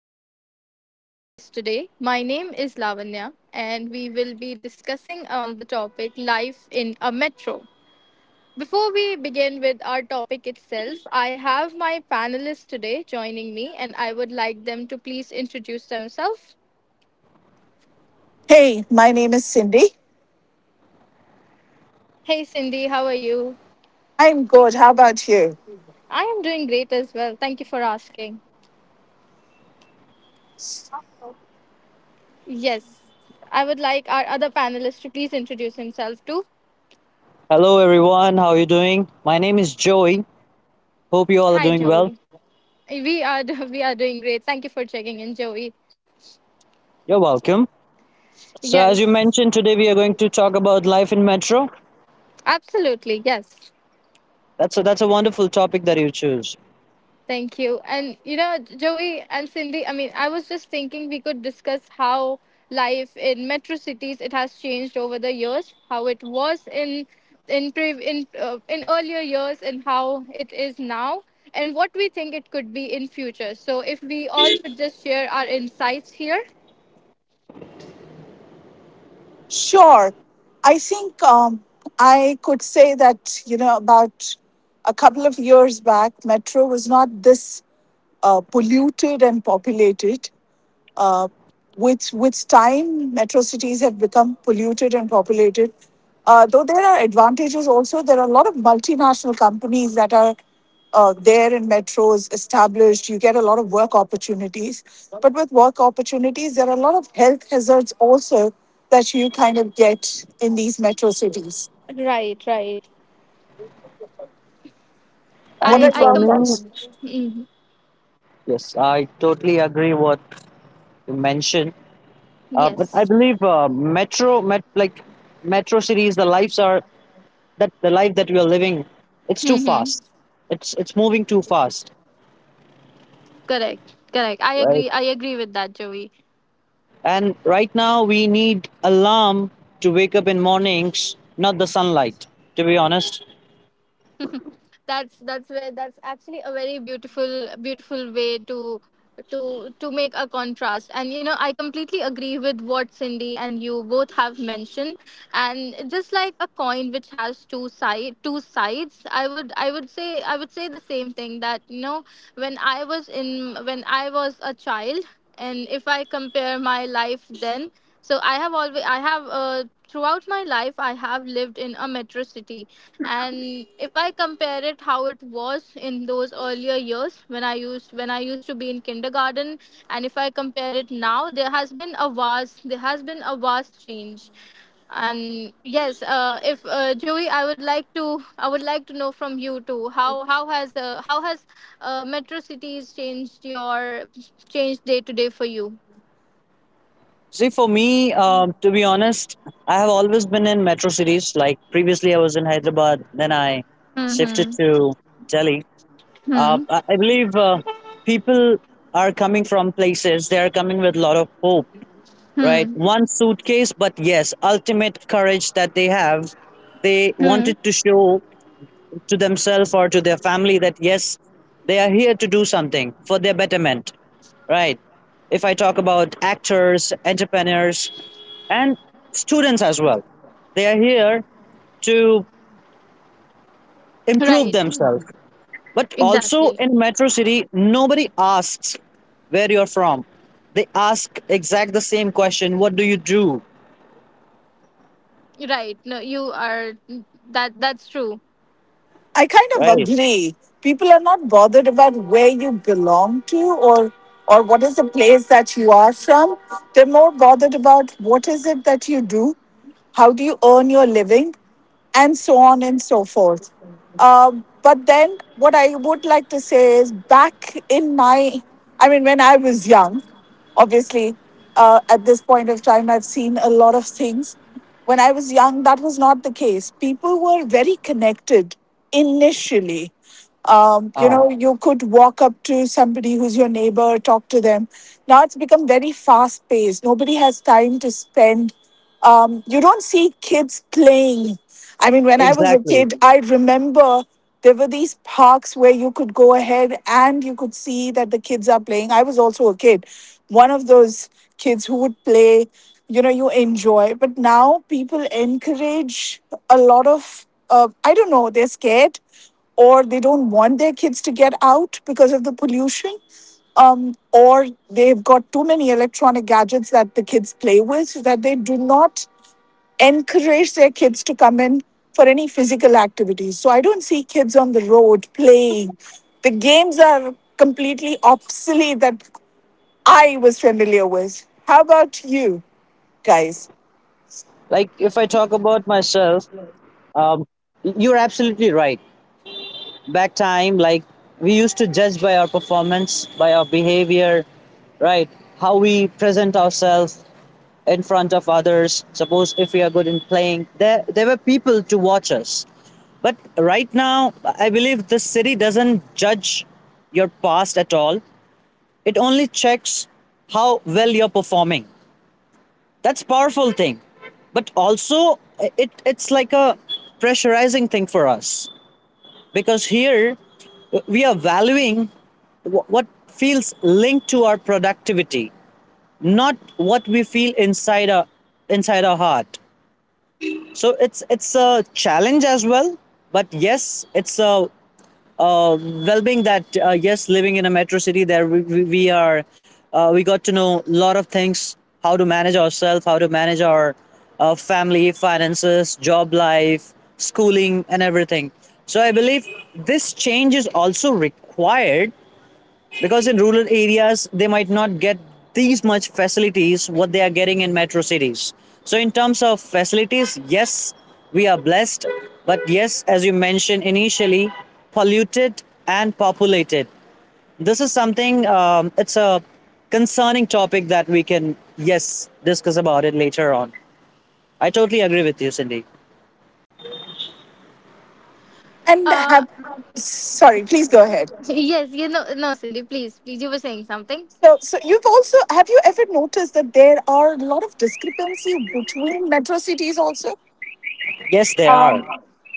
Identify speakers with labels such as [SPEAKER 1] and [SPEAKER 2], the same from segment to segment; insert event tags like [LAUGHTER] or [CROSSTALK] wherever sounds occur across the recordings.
[SPEAKER 1] to our podcast today. My name is Lavanya, and we will be discussing on the topic life in a metro. Before we begin with our topic itself, I have my panelists today joining me, and I would like them to please introduce themselves.
[SPEAKER 2] Hey, my name is Cindy.
[SPEAKER 1] Hey, Cindy, how are you?
[SPEAKER 2] I'm good. How about you?
[SPEAKER 1] I am doing great as well. Thank you for asking. Yes, I would like our other panelist to please introduce himself too.
[SPEAKER 3] Hello everyone, how are you doing? My name is Joey. Hope you all are
[SPEAKER 1] Hi,
[SPEAKER 3] doing well.
[SPEAKER 1] Joel. We are [LAUGHS] we are doing great. Thank you for checking in, Joey.
[SPEAKER 3] You're welcome. So as you
[SPEAKER 1] Yes,
[SPEAKER 3] mentioned today we are going to talk about life in metro.
[SPEAKER 1] absolutely. Yes,
[SPEAKER 3] That's a wonderful topic that you choose.
[SPEAKER 1] thank you. And you know, Joey and Cindy. I mean, I was just thinking we could discuss how life in metro cities it has changed over the years, how it was in in earlier years, and how it is now, and what we think it could be in future. So, if we all could just share our insights here.
[SPEAKER 2] Sure. I think um, I could say that, you know, about a couple of years back, Metro was not this polluted and populated. With time, metro cities have become polluted and populated. Though there are advantages, also there are a lot of multinational companies that are there in metros established. You get a lot of work opportunities, but with work opportunities, there are a lot of health hazards also that you kind of get in these metro cities.
[SPEAKER 1] Right. Right.
[SPEAKER 2] What
[SPEAKER 1] I
[SPEAKER 2] are
[SPEAKER 3] And
[SPEAKER 1] I
[SPEAKER 3] for
[SPEAKER 2] your
[SPEAKER 1] com-
[SPEAKER 3] me,
[SPEAKER 2] thoughts?
[SPEAKER 1] Mhm.
[SPEAKER 3] yes, I totally agree what you mentioned. But I
[SPEAKER 1] Yes.
[SPEAKER 3] believe metro met like metro cities the lives are that the life that we are living, it's too
[SPEAKER 1] Mm-hmm.
[SPEAKER 3] fast. It's moving too fast.
[SPEAKER 1] Correct. Correct. I
[SPEAKER 3] Right?
[SPEAKER 1] agree. I agree with that, Joey.
[SPEAKER 3] And right now we need alarm to wake up in mornings, not the sunlight, to be honest.
[SPEAKER 1] That's actually a very beautiful way to to make a contrast, and you know, I completely agree with what Cindy and you both have mentioned. And just like a coin which has two sides, I would say the same thing, that you know, when I was a child, and if I compare my life then, so I have always I have throughout my life I have lived in a metro city. And if I compare it how it was in those earlier years, when I used to be in kindergarten, and if I compare it now, there has been a vast change. And yes, if Joey, I would like to, I would like to know from you too, how has how has metro cities changed your changed day to day for you.
[SPEAKER 3] See, for me, to be honest, I have always been in metro cities. Like previously, I was in Hyderabad, then I shifted
[SPEAKER 1] hmm
[SPEAKER 3] to Delhi. Uh,
[SPEAKER 1] hmm
[SPEAKER 3] I I believe people are coming from places, they are coming with a lot of hope,
[SPEAKER 1] hmm
[SPEAKER 3] right?
[SPEAKER 1] hmm
[SPEAKER 3] One suitcase, but yes, ultimate courage that they have. They wanted
[SPEAKER 1] hmm
[SPEAKER 3] to show to themselves or to their family that yes, they are here to do something for their betterment, right? If I talk about actors, entrepreneurs, and students as well, they are here to improve
[SPEAKER 1] Right.
[SPEAKER 3] themselves. But also
[SPEAKER 1] Exactly.
[SPEAKER 3] in Metro City, nobody asks where you're from. They ask exact the same question: What do you do?
[SPEAKER 1] Right. No, you are that that's true.
[SPEAKER 2] I kind of
[SPEAKER 3] Right.
[SPEAKER 2] agree. People are not bothered about where you belong to or what is the place that you are from. They're more bothered about what is it that you do, how do you earn your living, and so on and so forth. But then, what I would like to say is back in my, I mean, when I was young, obviously, at this point of time, I've seen a lot of things. When I was young, that was not the case. People were very connected initially.
[SPEAKER 3] Ah,
[SPEAKER 2] You could walk up to somebody who's your neighbor, talk to them. Now it's become very fast paced. Nobody has time to spend you don't see kids playing. I mean, when I was a
[SPEAKER 3] exactly.
[SPEAKER 2] kid, I remember there were these parks where you could go ahead and you could see that the kids are playing. I was also a kid, one of those kids who would play, you know, you enjoy. But now people encourage a lot of, I don't know, they're scared or they don't want their kids to get out because of the pollution, or they've got too many electronic gadgets that the kids play with so that they do not encourage their kids to come in for any physical activities. So I don't see kids on the road playing. The games are completely obsolete that I was familiar with. How about you guys?
[SPEAKER 3] Like if I talk about myself, um, you're absolutely right. Back time like, we used to judge by our performance, by our behavior, right? How we present ourselves in front of others. Suppose if we are good in playing, there were people to watch us. But right now, I believe the city doesn't judge your past at all. It only checks how well you're performing. That's a powerful thing. But also, it's like a pressurizing thing for us, because here we are valuing what feels linked to our productivity, not what we feel inside our heart. So it's a challenge as well. But yes, it's a well-being that, yes, living in a metro city, there we are, we got to know a lot of things: how to manage ourselves, how to manage our family, finances, job life, schooling, and everything. So I believe this change is also required, because in rural areas they might not get these much facilities what they are getting in metro cities. So in terms of facilities, yes, we are blessed. But yes, as you mentioned initially, polluted and populated, this is something, it's a concerning topic that we can, yes, discuss about it later on. I totally agree with you, Cindy.
[SPEAKER 2] And
[SPEAKER 1] Uh
[SPEAKER 2] have sorry, please go ahead.
[SPEAKER 1] yes, you know, no Cindy, please, please, you were saying something.
[SPEAKER 2] So, you've also have you ever noticed that there are a lot of discrepancy between metro cities also?
[SPEAKER 3] Yes, they are.
[SPEAKER 2] Um,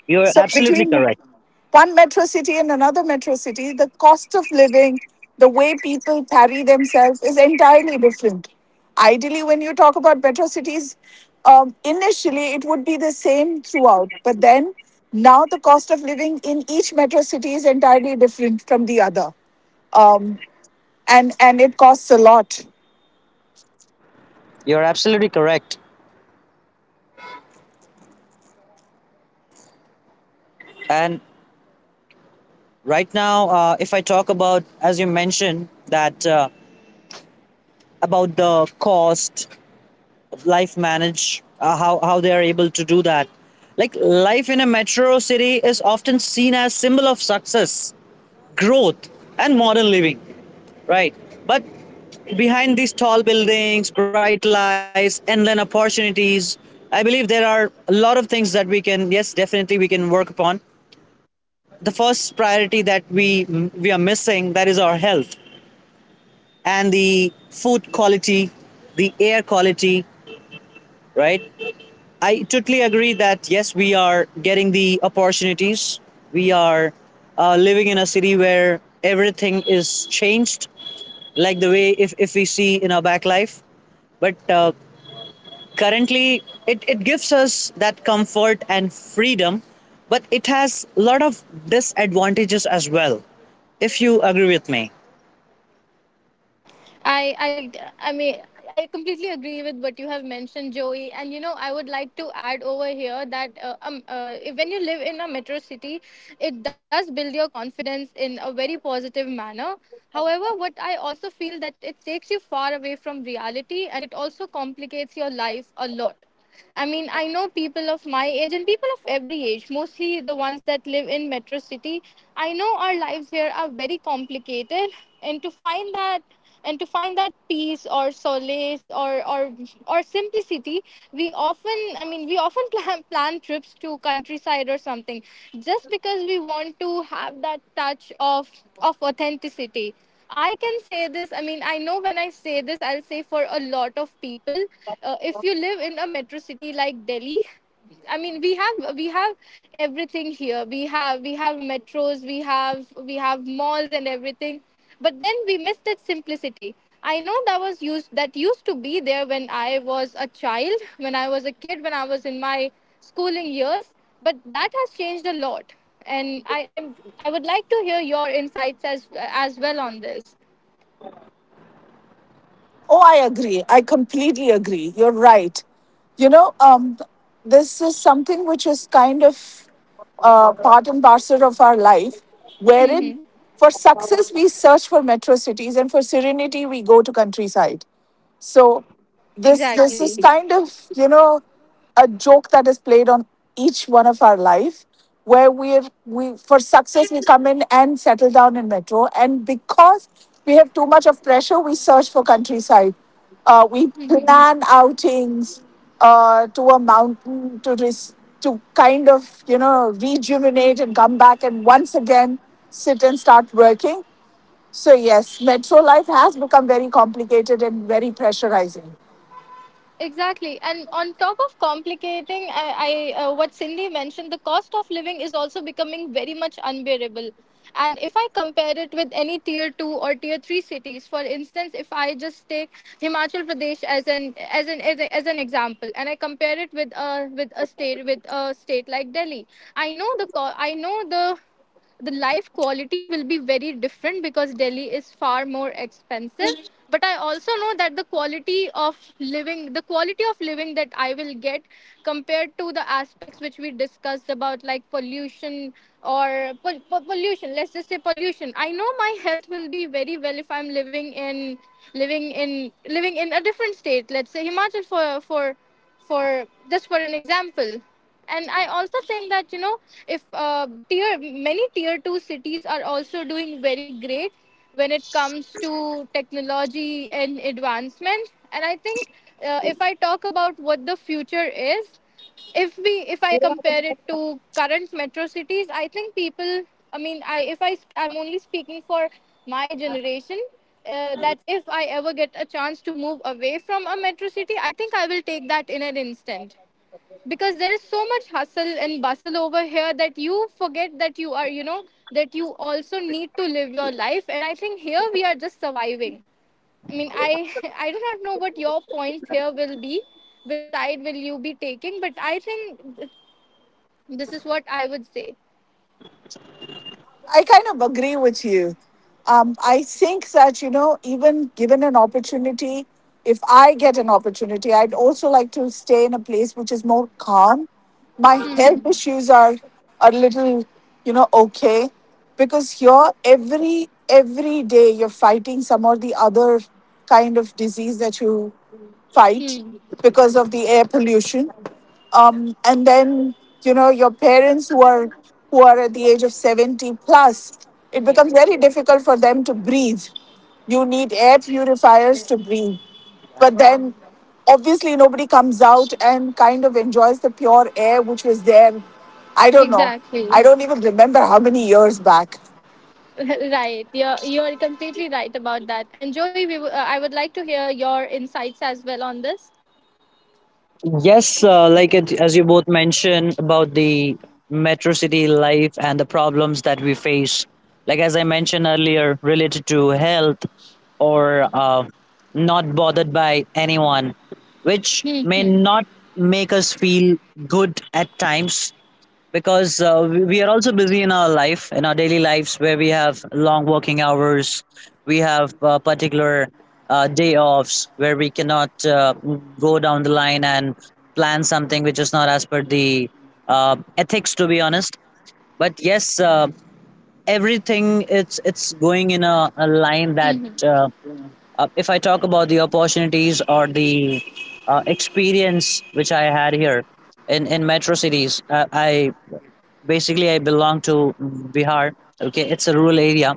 [SPEAKER 3] You're
[SPEAKER 2] so
[SPEAKER 3] absolutely
[SPEAKER 2] between
[SPEAKER 3] correct.
[SPEAKER 2] one metro city and another metro city, the cost of living, the way people carry themselves is entirely different. Ideally, when you talk about metro cities, initially it would be the same throughout, but then now the cost of living in each metro city is entirely different from the other, um, and it costs a lot.
[SPEAKER 3] You're absolutely correct. And right now, if I talk about, as you mentioned, that, about the cost, life manage, how they are able to do that. Like life in a metro city is often seen as symbol of success, growth, and modern living, right? But behind these tall buildings, bright lights, endless opportunities, I believe there are a lot of things that we can, yes, definitely we can work upon. The first priority that we are missing, that is our health. And the food quality, the air quality, right? I totally agree that yes, we are getting the opportunities. We are living in a city where everything is changed, like the way if we see in our back life. But currently, it gives us that comfort and freedom, but it has a lot of disadvantages as well, if you agree with me.
[SPEAKER 1] I mean, I completely agree with what you have mentioned, Joey. And you know, I would like to add over here that when you live in a metro city, it does build your confidence in a very positive manner. However, what I also feel that it takes you far away from reality, and it also complicates your life a lot. I mean, I know people of my age and people of every age, mostly the ones that live in metro city. I know our lives here are very complicated, and to find that and to find that peace or solace or simplicity, I mean, we often [LAUGHS] plan trips to countryside or something, just because we want to have that touch of authenticity. I can say this. I mean, I know when I say this, I'll say for a lot of people. If you live in a metro city like Delhi, I mean, we have everything here. We have metros, we have malls and everything. But then we miss that simplicity. I know that used to be there when I was a child, when I was a kid, when I was in my schooling years. But that has changed a lot, and I would like to hear your insights as well on this.
[SPEAKER 2] Oh, I agree. I completely agree. You're right. You know, um, this is something which is kind of part and parcel of our life, wherein for success we search for metro cities and for serenity we go to countryside. So this is
[SPEAKER 1] Exactly.
[SPEAKER 2] kind of, you know, a joke that is played on each one of our life where we for success we come in and settle down in metro and because we have too much of pressure we search for countryside, we plan outings to a mountain to res- to kind of, you know, rejuvenate and come back and once again sit and start working. So, yes, metro life has become very complicated and very pressurizing.
[SPEAKER 1] Exactly. And on top of complicating, I what Cindy mentioned, the cost of living is also becoming very much unbearable. And if I compare it with any tier two or tier three cities, for instance, if I just take Himachal Pradesh as an example, and I compare it with a state like Delhi, I know the life quality will be very different, because Delhi is far more expensive. But I also know that the quality of living that I will get, compared to the aspects which we discussed about like pollution, or pollution, let's just say pollution, I know my health will be very well if I'm living in a different state, let's say Himachal for for just for an example. And I also think that you know, if tier 2 cities are also doing very great when it comes to technology and advancement. And I think if I talk about what the future is, if we if I compare it to current metro cities, I think people, I mean, I if I sp- I'm only speaking for my generation, that if I ever get a chance to move away from a metro city, I think I will take that in an instant, because there is so much hustle and bustle over here that you forget that you are, you know, that you also need to live your life, and I think here we are just surviving. I mean, I [LAUGHS] I do not know what your points here will be, which side will you be taking, but I think this is what I would say.
[SPEAKER 2] I kind of agree with you. I think that, you know, even given an opportunity, if I get an opportunity, I'd also like to stay in a place which is more calm. My health
[SPEAKER 1] hmm
[SPEAKER 2] issues are a little, you know, okay because here every day you're fighting some or the other kind of disease that you fight
[SPEAKER 1] hmm
[SPEAKER 2] because of the air pollution, and then you know your parents who are at the age of 70 plus. It becomes very difficult for them to breathe. You need air purifiers to breathe, but then obviously nobody comes out and kind of enjoys the pure air which was there. I don't know, I
[SPEAKER 1] Exactly.
[SPEAKER 2] don't even remember how many years back.
[SPEAKER 1] [LAUGHS] Right, you're completely right about that. And Joey, we I would like to hear your insights as well on this.
[SPEAKER 3] Yes, like it, as you both mentioned about the metro city life and the problems that we face. Like as I mentioned earlier, related to health or, not bothered by anyone, which
[SPEAKER 1] hmm
[SPEAKER 3] may
[SPEAKER 1] hmm
[SPEAKER 3] not make us feel good at times, because we are also busy in our life in our daily lives where we have long working hours. We have particular day offs where we cannot go down the line and plan something which is not as per the ethics, to be honest. But yes, everything, it's going in a line that,
[SPEAKER 1] hmm
[SPEAKER 3] uh, if I talk about the opportunities or the experience which I had here in metro cities, I basically, I belong to Bihar. Okay, it's a rural area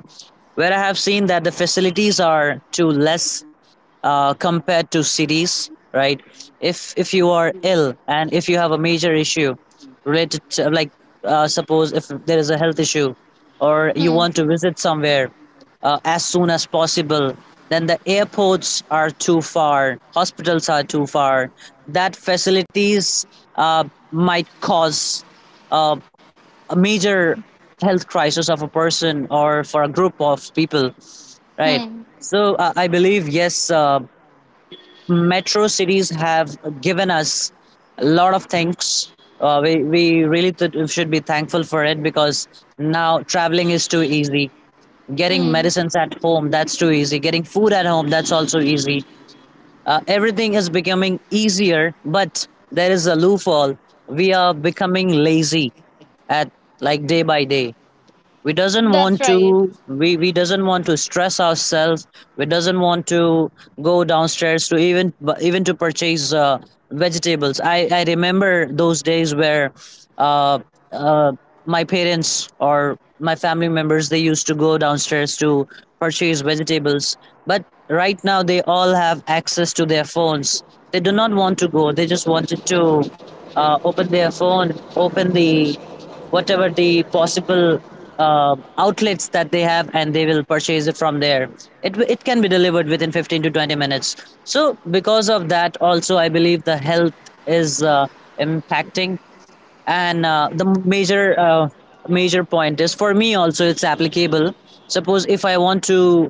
[SPEAKER 3] where I have seen that the facilities are too less, compared to cities, right? If you are ill and if you have a major issue related to, like, suppose if there is a health issue or you
[SPEAKER 1] hmm
[SPEAKER 3] want to visit somewhere as soon as possible, then the airports are too far, hospitals are too far, that facilities uh, might cause uh, a major health crisis of a person or for a group of people, right?
[SPEAKER 1] hmm
[SPEAKER 3] So I believe, yes, metro cities have given us a lot of things. We really should be thankful for it, because now traveling is too easy, getting
[SPEAKER 1] hmm
[SPEAKER 3] medicines at home, that's too easy, getting food at home, that's also easy. Everything is becoming easier, but there is a loophole. We are becoming lazy at, like, day by day. we doesn't want
[SPEAKER 1] That's right.
[SPEAKER 3] to we, we doesn't want to stress ourselves. We doesn't want to go downstairs to even to purchase vegetables. I remember those days where uh, uh, my parents or my family members, they used to go downstairs to purchase vegetables. But right now they all have access to their phones. They do not want to go. They just wanted to open their phone, open the whatever the possible outlets that they have, and they will purchase it from there. It can be delivered within 15 to 20 minutes. So because of that also, I believe the health is impacting. And the major point is for me also it's applicable. Suppose if I want to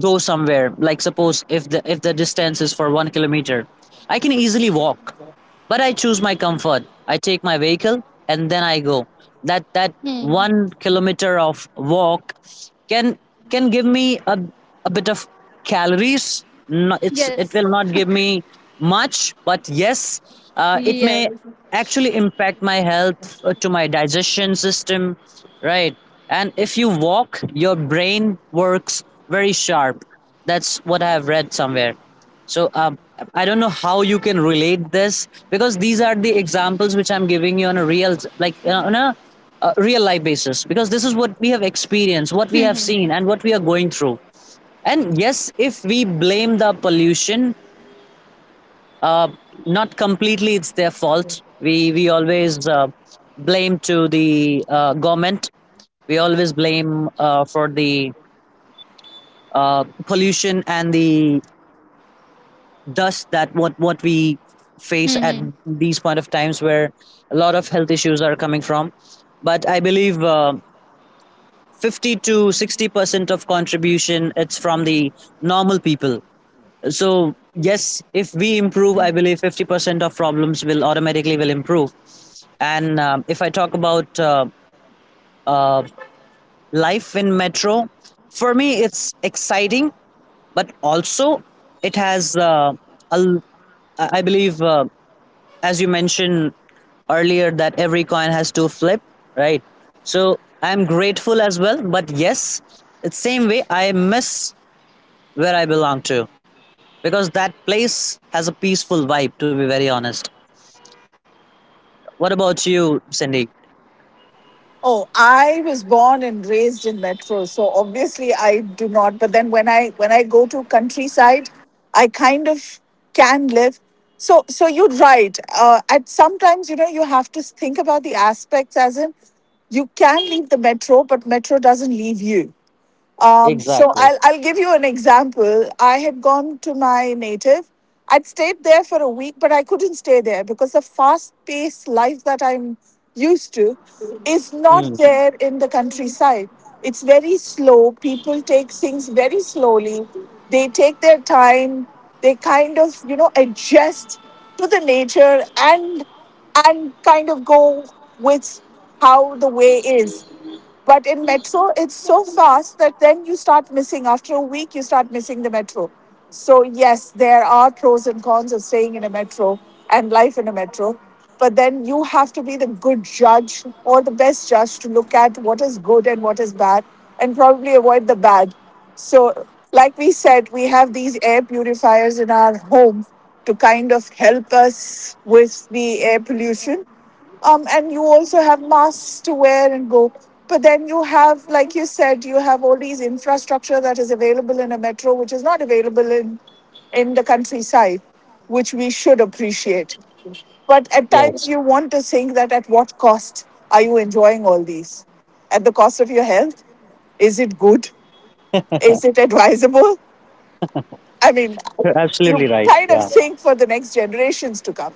[SPEAKER 3] go somewhere, like suppose if the distance is for 1 kilometer, I can easily walk, but I choose my comfort. I take my vehicle and then I go. That
[SPEAKER 1] Hmm.
[SPEAKER 3] 1 kilometer of walk can can give me a bit of calories. No, it
[SPEAKER 1] Yes.
[SPEAKER 3] will not give me much, but yes, it
[SPEAKER 1] Yes.
[SPEAKER 3] may actually impact my health, to my digestion system, right? And if you walk, your brain works very sharp. That's what I have read somewhere. So I don't know how you can relate this, because these are the examples which I'm giving you on a real life basis, because this is what we have experienced, what we have seen, and what we are going through. And yes, if we blame the pollution, uh, not completely it's their fault. We always blame to the government. We always blame for the pollution and the, does that what we face at
[SPEAKER 1] Mm-hmm.
[SPEAKER 3] these point of times where a lot of health issues are coming from. But I believe 50 to 60% of contribution, it's from the normal people. So yes, if we improve, I believe 50% of problems will automatically will improve. And if I talk about uh, life in metro, for me it's exciting, but also it has a l- I believe, as you mentioned earlier, that every coin has two flip, right? So I'm grateful as well, but yes, it's same way I miss where I belong to, because that place has a peaceful vibe. To be very honest, what about you, Cindy?
[SPEAKER 2] Oh, I was born and raised in metro, so obviously I do not. But then when I go to countryside, I kind of can live. So so you're right. At sometimes you know you have to think about the aspects as in you can leave the metro, but metro doesn't leave you. So
[SPEAKER 3] Exactly.
[SPEAKER 2] I'll give you an example. I had gone to my native. I'd stayed there for a week, but I couldn't stay there because the fast paced life that I'm used to is not
[SPEAKER 3] Mm,
[SPEAKER 2] there in the countryside. It's very slow. People take things very slowly. They take their time. They kind of, you know, adjust to the nature and kind of go with how the way is. But in metro, it's so fast that then you start missing. After a week, you start missing the metro. So, yes, there are pros and cons of staying in a metro and life in a metro. But then you have to be the good judge or the best judge to look at what is good and what is bad and probably avoid the bad. So, like we said, we have these air purifiers in our home to kind of help us with the air pollution, and you also have masks to wear and go. But then you have, like you said, you have all these infrastructure that is available in a metro, which is not available in the countryside, which we should appreciate. But at
[SPEAKER 3] yes,
[SPEAKER 2] times you want to think that at what cost are you enjoying all these? At the cost of your health? Is it good? Is it advisable? I mean,
[SPEAKER 3] you're
[SPEAKER 2] you
[SPEAKER 3] absolutely right.
[SPEAKER 2] kind of
[SPEAKER 3] Yeah,
[SPEAKER 2] think for the next generations to come.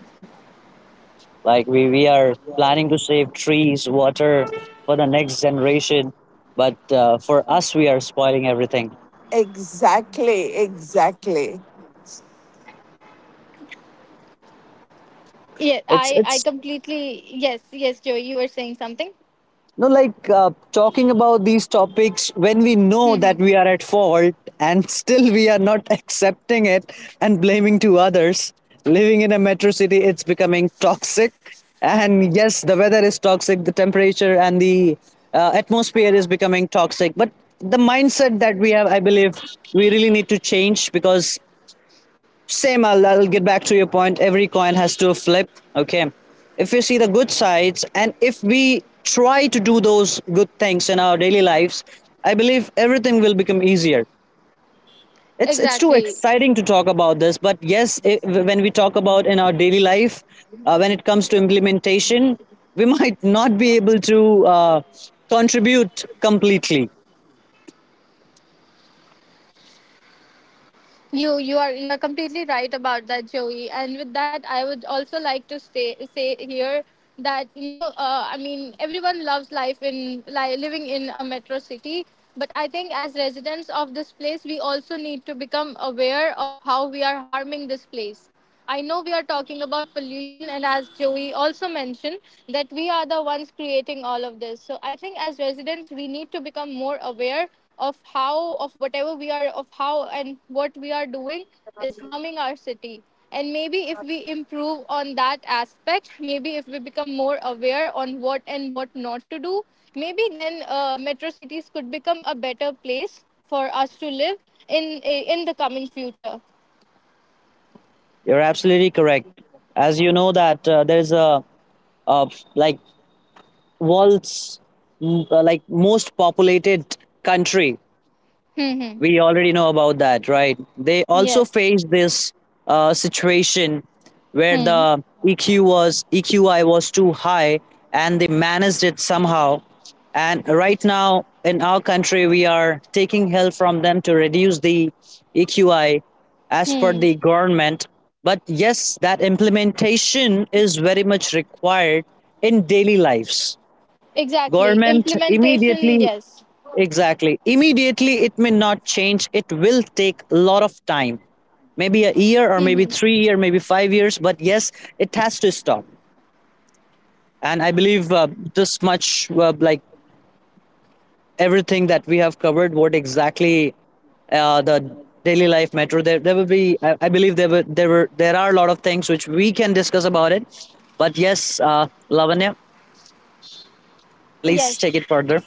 [SPEAKER 3] like we are planning to save trees, water for the next generation, but for us, we are spoiling everything.
[SPEAKER 2] Exactly, exactly.
[SPEAKER 1] Yeah, I
[SPEAKER 3] It's
[SPEAKER 1] completely yes, yes, Joey. You were saying something.
[SPEAKER 3] No, like talking about these topics when we know that
[SPEAKER 1] Hmm.
[SPEAKER 3] we are at fault and still we are not [LAUGHS] accepting it and blaming to others. Living in a metro city, it's becoming toxic. And yes, the weather is toxic, the temperature and the atmosphere is becoming toxic. But the mindset that we have, I believe, we really need to change, because same, I'll get back to your point: every coin has to flip. Okay, if you see the good sides and if we try to do those good things in our daily lives, I believe everything will become easier. It's too
[SPEAKER 1] Exactly.
[SPEAKER 3] exciting to talk about this. But yes, when we talk about in our daily life, when it comes to implementation, we [LAUGHS] might not be able to contribute completely.
[SPEAKER 1] You are completely right about that, Joey. And with that, I would also like to say here that you know, I mean, everyone loves life in living in a metro city, but I think as residents of this place, we also need to become aware of how we are harming this place. I know we are talking about pollution, and as Joey also mentioned, that we are the ones creating all of this. So I think as residents, we need to become more aware of whatever we are, of how and what we are doing is harming our city. And maybe if we improve on that aspect, maybe if we become more aware on what and what not to do, maybe then metro cities could become a better place for us to live in the coming future.
[SPEAKER 3] You're absolutely correct. As you know that, there's a, uh, like, world's, like most populated country.
[SPEAKER 1] Hmm.
[SPEAKER 3] We already know about that, right? They also
[SPEAKER 1] Yes.
[SPEAKER 3] faced this situation where
[SPEAKER 1] Hmm.
[SPEAKER 3] the eq was EQI was too high, and they managed it somehow. And right now in our country, we are taking help from them to reduce the EQI as per
[SPEAKER 1] Hmm.
[SPEAKER 3] the government. But yes, that implementation is very much required in daily lives.
[SPEAKER 1] Exactly.
[SPEAKER 3] Government immediately,
[SPEAKER 1] Implementation, yes.
[SPEAKER 3] exactly, immediately it may not change. It will take a lot of time, maybe a year or
[SPEAKER 1] Hmm.
[SPEAKER 3] maybe 3 year, maybe 5 years. But yes, it has to stop. And I believe this much, like everything that we have covered, what exactly the daily life metro, there will be, I believe, there are a lot of things which we can discuss about it. But yes, Lavanya, please
[SPEAKER 1] Yes.
[SPEAKER 3] take it further.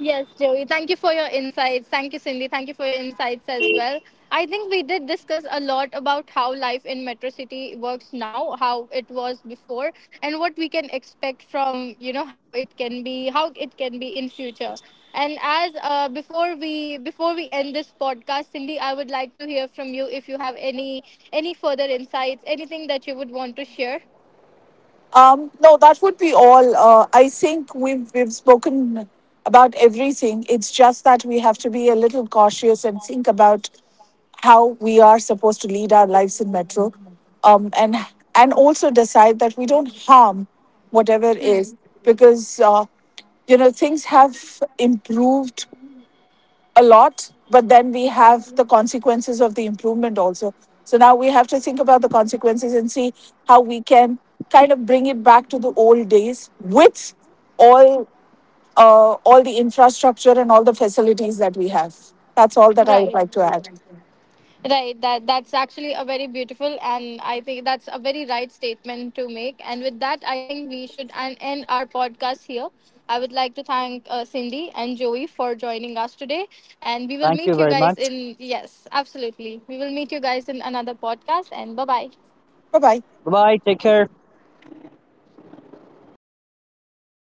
[SPEAKER 1] Yes, Joey. Thank you for your insights. Thank you, Cindy. Thank you for your insights as well. I think we did discuss a lot about how life in Metro City works now, how it was before, and what we can expect from, you know, how it can be, how it can be in future. And as before we end this podcast, Cindy, I would like to hear from you if you have any further insights, anything that you would want to share.
[SPEAKER 2] No, that would be all. I think we've spoken about everything. It's just that we have to be a little cautious and think about how we are supposed to lead our lives in metro, um, and and also decide that we don't harm whatever
[SPEAKER 1] Hmm.
[SPEAKER 2] is because you know things have improved a lot, but then we have the consequences of the improvement also. So now we have to think about the consequences and see how we can kind of bring it back to the old days with all all the infrastructure and all the facilities that we have. That's all that I would
[SPEAKER 1] Right.
[SPEAKER 2] like to add.
[SPEAKER 1] Right. That that's actually a very beautiful, and I think that's a very right statement to make. And with that, I think we should end our podcast here. I would like to thank Cindy and Joey for joining us today, and we will
[SPEAKER 3] Thank you
[SPEAKER 1] meet you
[SPEAKER 3] very
[SPEAKER 1] guys
[SPEAKER 3] much.
[SPEAKER 1] in yes, absolutely. We will meet you guys in another podcast. And bye bye.
[SPEAKER 2] Bye bye.
[SPEAKER 3] Bye, take care.